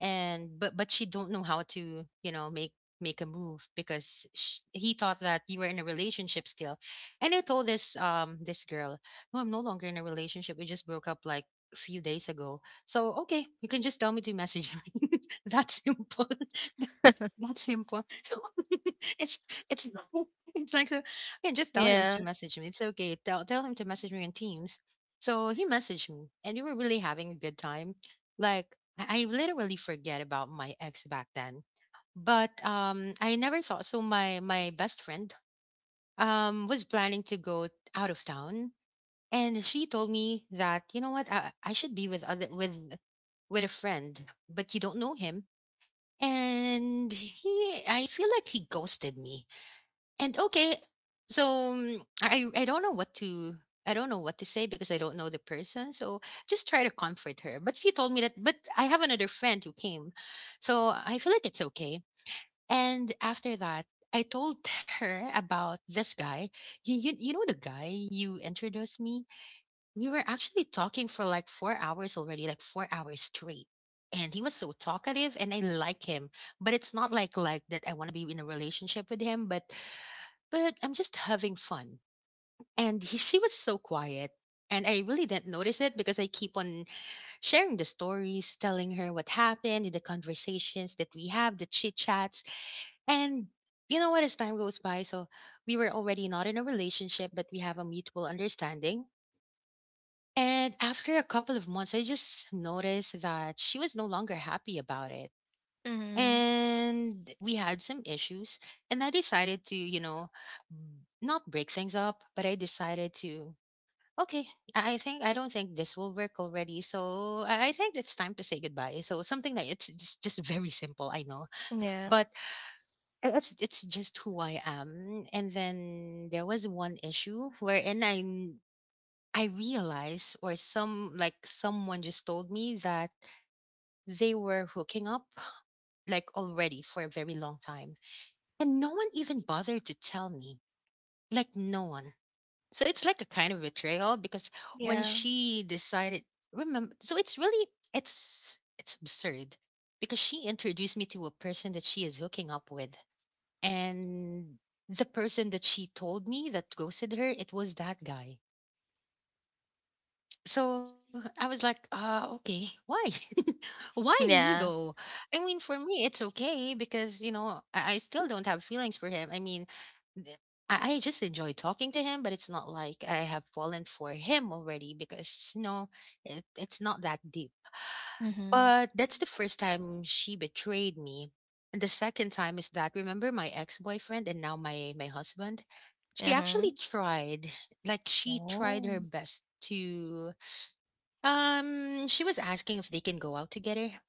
A: and but she don't know how to, you know, make, make a move because sh he thought that you were in a relationship still. And I told this, this girl, no, I'm no longer in a relationship, we just broke up like a few days ago, so okay, you can just tell me to message you. That simple. That simple. So it's, it's not- it's like a, yeah, just tell him
B: Yeah.
A: to message me, it's okay, tell him to message me on Teams. So he messaged me and we were really having a good time. Like, I literally forget about my ex back then. But I never thought, so my best friend was planning to go out of town, and she told me that, you know what, I should be with other, with a friend, but you don't know him, and he, I feel like he ghosted me. And okay, so, I don't know what to, I don't know what to say because I don't know the person. So just try to comfort her, but she told me that, but I have another friend who came, so I feel like it's okay. And after that, I told her about this guy. You, you, know the guy you introduced me, we were actually talking for like 4 hours already, like 4 hours straight, and he was so talkative and I like him, but it's not like that I want to be in a relationship with him, but I'm just having fun. And she was so quiet. And I really didn't notice it because I keep on sharing the stories, telling her what happened in the conversations that we have, the chit chats. And you know what? As time goes by, so we were already not in a relationship, but we have a mutual understanding. And after a couple of months, I just noticed that she was no longer happy about it
B: Mm.
A: and we had some issues, and I decided to, not break things up, but I decided to, okay, I don't think this will work already, so I think it's time to say goodbye, so something like it's just very simple, I know.
B: Yeah.
A: But it's just who I am. And then there was one issue wherein I realized, or someone just told me that they were hooking up, like, already for a very long time. And no one even bothered to tell me. Like no one. So it's like a kind of betrayal, because when
B: Yeah.
A: she decided, remember, so it's really, it's absurd, because she introduced me to a person that she is hooking up with. And the person that she told me that ghosted her, it was that guy. So I was like, okay, why? Why me though?
B: Yeah.
A: I mean, for me, it's okay because, you know, I still don't have feelings for him. I mean, th- I just enjoy talking to him, but it's not like I have fallen for him already, because, you know, it's not that deep.
B: Mhm.
A: But that's the first time she betrayed me. And the second time is that, remember my ex boyfriend and now my husband? She
B: Huh.
A: actually tried, like, she tried
B: Oh.
A: her best to, she was asking if they can go out together.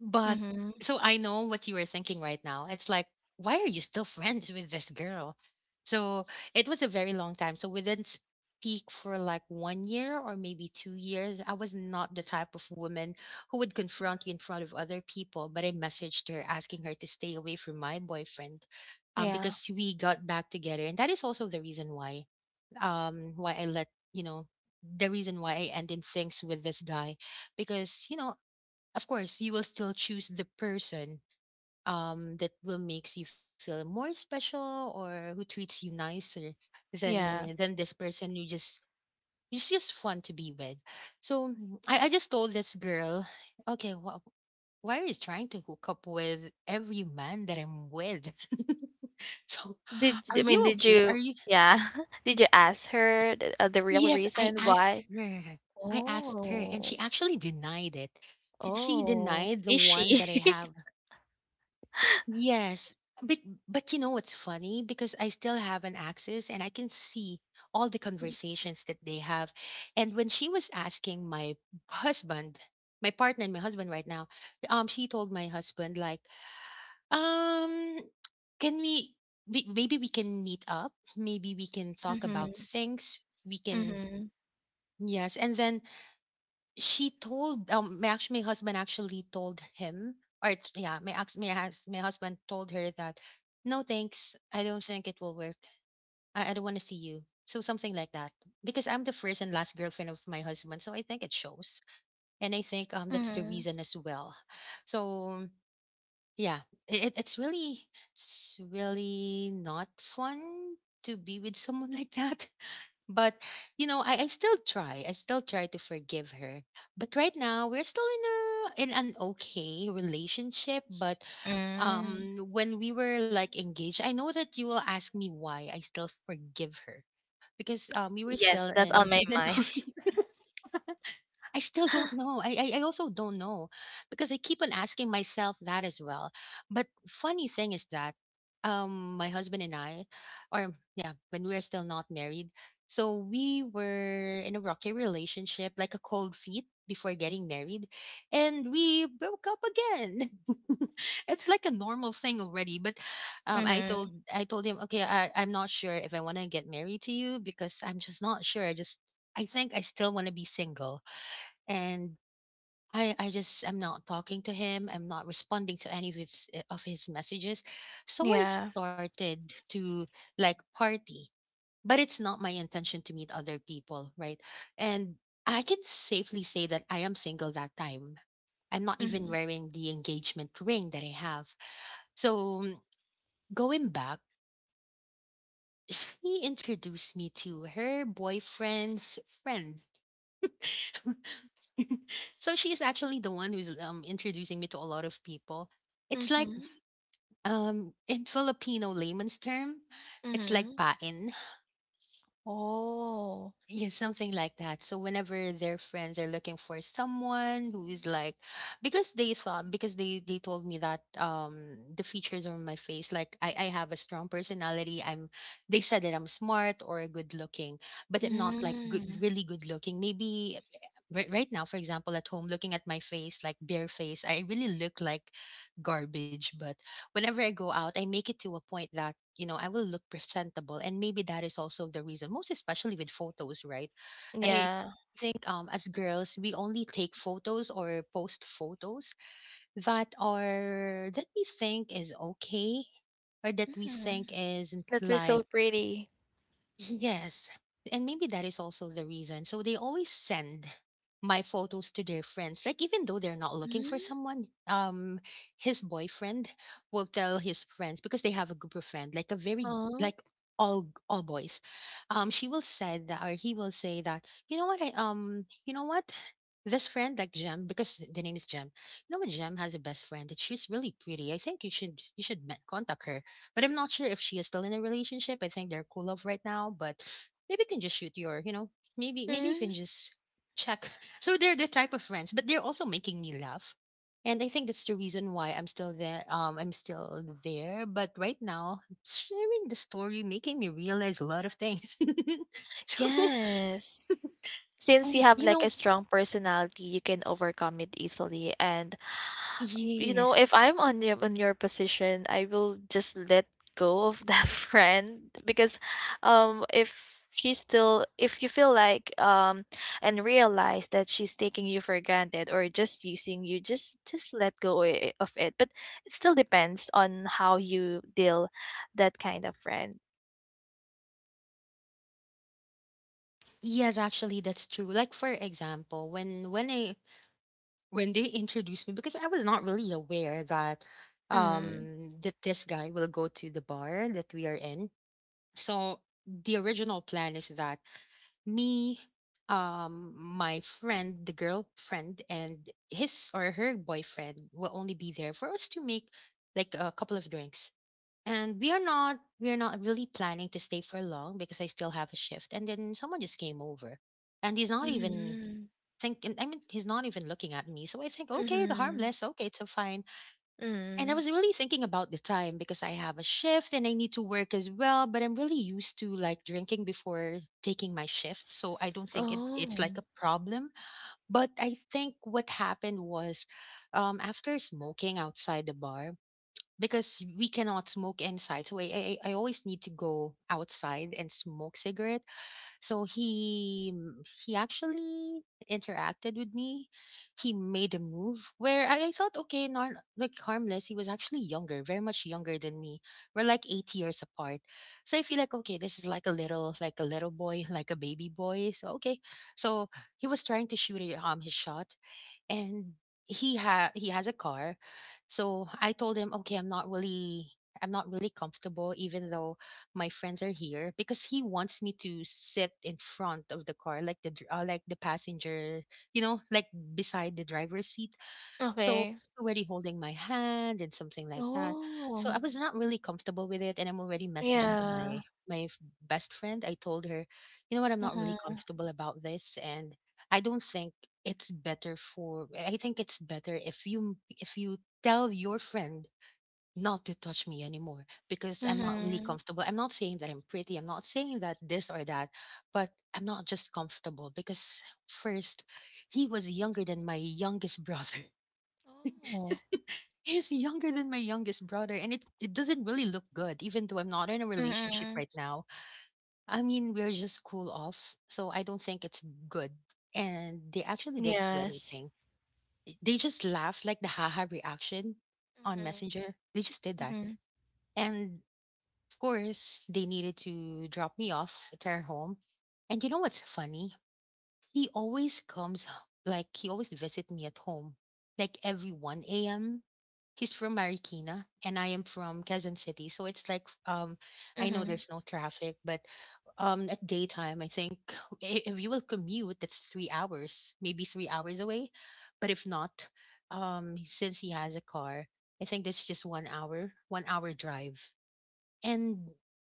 A: But
B: Mhm.
A: so I know what you were thinking right now. It's like, why are you still friends with this girl? So it was a very long time. So we didn't speak for like 1 year or maybe 2 years. I was not the type of woman who would confront you in front of other people, but I messaged her asking her to stay away from my boyfriend,
B: Yeah.
A: because we got back together. And that is also the reason why, why I let you know the reason why I ended things with this guy, because, you know, of course you will still choose the person, that will makes you feel more special, or who treats you nicer than
B: Yeah.
A: this person you just, it's just fun to be with. So I just told this girl, okay, why are you trying to hook up with every man that I'm with? So
B: Did
A: are
B: I mean,
A: you
B: did
A: okay?
B: you,
A: Are you,
B: yeah. Did you ask her the real
A: yes, I
B: reason
A: asked
B: why?
A: her. I asked her, and
B: Oh.
A: she actually denied it. She
B: Oh,
A: denied the one that I
B: fishy.
A: have. Yes, but but you know what's funny? Because I still have an access, and I can see all the conversations that they have. And when she was asking my husband, my partner and my husband right now, she told my husband like, um, can we? Maybe we can meet up. Maybe we can talk about
B: Mhm.
A: things. We can,
B: Mhm.
A: yes. And then she told, my, actually my husband actually told him, or yeah, my ex, my, my husband told her that no thanks, I don't think it will work. I don't want to see you, so something like that. Because I'm the first and last girlfriend of my husband, so I think it shows. And I think that's the
B: Mhm.
A: reason as well. So yeah, it's really, it's really not fun to be with someone like that. But, you know, I still try. I still try to forgive her. But right now, we're still in a in an okay relationship. But
B: Mm.
A: when we were like engaged, I know that you will ask me why I still forgive her, because, we were still
B: Yes, that's
A: in
B: on my
A: in an
B: mind.
A: I still don't know. I also don't know, because I keep on asking myself that as well. But funny thing is that, my husband and I, or yeah, when we were still not married, so we were in a rocky relationship, like a cold feet before getting married, and we broke up again. It's like a normal thing already, but
B: Mhm.
A: I told him, "Okay, I'm not sure if I want to get married to you because I'm just not sure. I just, I think I still want to be single." And I'm not talking to him. I'm not responding to any of his, of his messages. So I
B: Yeah.
A: started to like party, but it's not my intention to meet other people, right? And I can safely say that I am single that time. I'm not even
B: Mhm.
A: wearing the engagement ring that I have. So mm, going back, she introduced me to her boyfriend's friend. So she's actually the one who's, introducing me to a lot of people. It's like,
B: Mhm.
A: in Filipino layman's term, it's like
B: Mhm.
A: pain.
B: Oh.
A: Yeah, something like that. So whenever their friends are looking for someone who is like, because they thought, because they told me that, the features on my face, like I have a strong personality. I'm, they said that I'm smart or good looking, but I'm not like good,
B: Mm.
A: really good looking. Maybe right now, for example, at home, looking at my face, like bare face, I really look like garbage. But whenever I go out, I make it to a point that, you know, I will look presentable. And maybe that is also the reason, most especially with photos, right? I
B: Yeah.
A: think, as girls, we only take photos or post photos that are, that we think is okay, or that we think
B: Mhm.
A: is
B: That we
A: like,
B: feel pretty.
A: yes. And maybe that is also the reason. So they always send my photos to their friends. Like even though they're not looking for someone, his boyfriend will tell his friends, because they have a group of friends, like a very
B: Oh.
A: like all boys. She will say that, or he will say that, you know what, I, you know what? This friend like Jem, because the name is Jem. You know what, Jem has a best friend that she's really pretty. I think you should contact her. But I'm not sure if she is still in a relationship. I think they're cool off right now, but maybe you can just shoot your, you know, maybe you
B: Mm.
A: can just check. So they're the type of friends, but they're also making me laugh. And I think that's the reason why I'm still there. I'm still there. But right now, sharing the story making me realize a lot of things. So,
B: Yes. Since you
A: and
B: have
A: you
B: like a
A: know,
B: strong personality, you can overcome it easily. And you
A: yes,
B: know, if I'm on your, on your position, I will just let go of that friend, because if she's still, if you feel like and realize that she's taking you for granted or just using you, just let go of it. But it still depends on how you deal that kind of friend.
A: yes, actually, that's true. Like for example, when I, when they introduced me, because I was not really aware that, that this guy will go to the bar that we are in. So the original plan is that me, my friend the girlfriend and his or her boyfriend will only be there for us to make like a couple of drinks, and we are not really planning to stay for long, because I still have a shift. And then someone just came over, and he's not even
B: Mm.
A: think, and I mean he's not even looking at me. So I think, okay, the
B: Mhm,
A: harmless, okay, it's so fine. And I
B: mm.
A: was really thinking about the time, because I have a shift and I need to work as well. But I'm really used to like drinking before taking my shift. So I don't think it's
B: Oh,
A: like a problem. But I think what happened was, after smoking outside the bar, because we cannot smoke inside. So I always need to go outside and smoke cigarette. So he, he actually interacted with me. He made a move where I thought, okay, not like harmless. He was actually younger, very much younger than me. We're like 8 years apart. So I feel like, okay, this is like a little boy, like a baby boy. So okay. So he was trying to shoot his shot, and he has a car. So I told him, "Okay, I'm not really, I'm not really comfortable, even though my friends are here, because he wants me to sit in front of the car like the like the passenger, you know, like beside the driver's seat. So
B: okay.
A: already holding my hand and something like that. So I
B: Oh,
A: was not really comfortable with it, and I'm already messaging
B: yeah.
A: my my f- best friend. I told her, "You know what? I'm not really
B: Mhm,
A: comfortable about this, and I don't think, it's better for I think it's better if you tell your friend not to touch me anymore, because I'm not really
B: mhm.
A: comfortable. I'm not saying that I'm pretty. I'm not saying that this or that, but I'm not just comfortable, because first he was younger than my youngest brother.
B: Oh,
A: He's younger than my youngest brother, and it doesn't really look good, even though I'm not in a relationship
B: mm.
A: right now. I mean, we're just cool off, so I don't think it's good. And they actually didn't do
B: Yes.
A: anything. They just laughed like the haha reaction on
B: Mhm,
A: Messenger. They just did that.
B: mhm,
A: And of course, they needed to drop me off at their home. And you know what's funny? He always he always visit me at home, like every 1 a.m. He's from Marikina and I am from Quezon City. So it's like, I know
B: mhm.
A: there's no traffic, but at daytime I think if you will commute, that's 3 hours, maybe 3 hours away. But if not, since he has a car, I think that's just 1 hour, 1 hour drive. And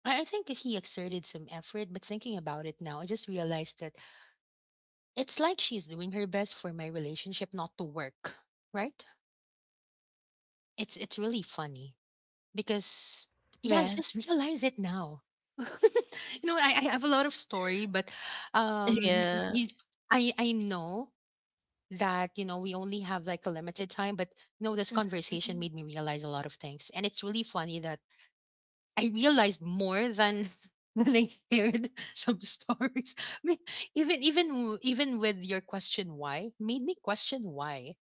A: I think that he exerted some effort, but thinking about it now, I just realized that it's like she's doing her best for my relationship not to work, right? It's really funny because yeah, I just
B: Yes.
A: realize it now. You know, I have a lot of story, but
B: Yeah.
A: you, I know that, you know, we only have like a limited time, but no, this conversation made
B: Mhm,
A: me realize a lot of things, and it's really funny that I realized more than than I shared some stories. I mean, even with your question why made me question why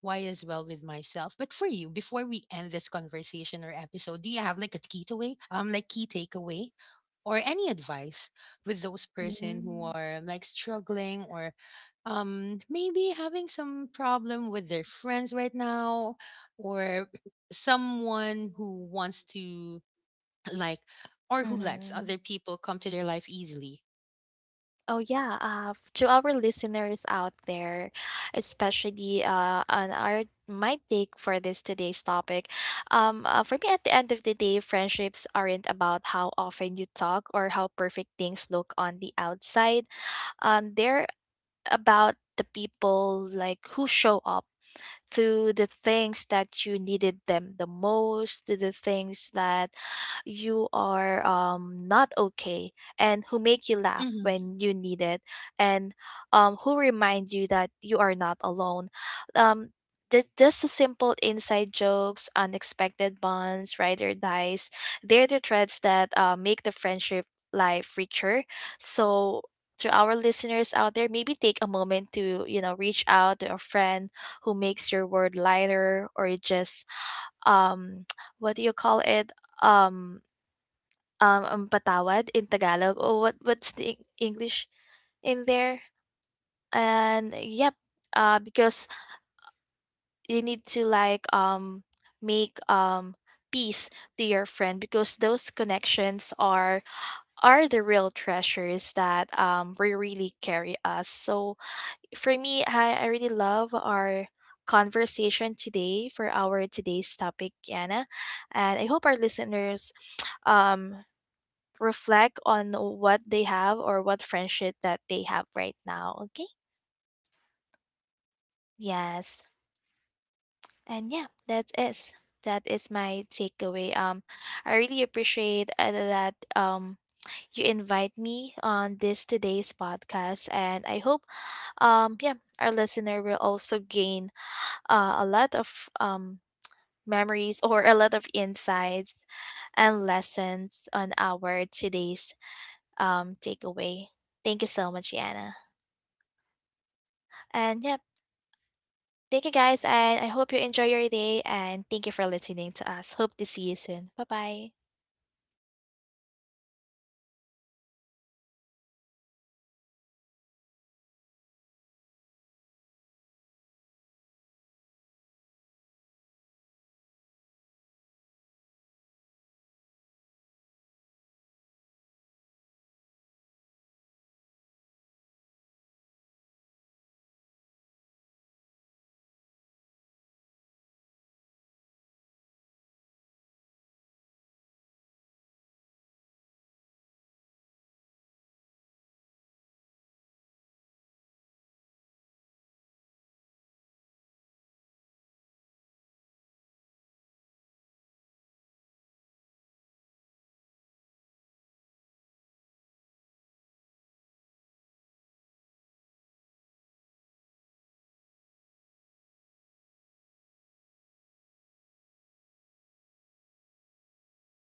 A: why as well with myself. But for you, before we end this conversation or episode, do you have like a key takeaway? Like key takeaway or any advice with those person who
B: mhm,
A: are like struggling or, maybe having some problem with their friends right now, or someone who wants to like, or who lets
B: mhm.
A: other people come to their life easily.
B: Oh yeah, to our listeners out there, especially on our, my take for this today's topic, for me, at the end of the day, friendships aren't about how often you talk or how perfect things look on the outside. They're about the people like who show up to the things that you needed them the most, to the things that you are, not okay, and who make you laugh
A: Mhm.
B: when you need it, and who remind you that you are not alone. Um, just the simple inside jokes, unexpected bonds, ride or dies. They're the threads that make the friendship life richer. So to our listeners out there, maybe take a moment to, you know, reach out to a friend who makes your word lighter, or just um what do you call it, um patawad in
A: Mm-hmm.
B: Tagalog, or what, what's the English in
A: Yes.
B: there. And yep, uh, because
A: Yes. And
B: you
A: actually,
B: need to like make peace to your friend, because those connections are the real treasures that we really carry us. So for me, I really love our conversation today for our today's topic, Anna. And I hope our listeners, um, reflect on what they have, or what friendship that they have right now. Okay. Yes. And yeah, that is, that is my takeaway. I really appreciate that you invite me on this today's podcast, and I hope yeah, our listener will also gain a lot of memories, or a lot of insights and lessons on our today's takeaway. Thank you so much, Yana. And yeah, thank you guys. And I hope you enjoy your day. And thank you for listening to us. Hope to see you soon. Bye bye.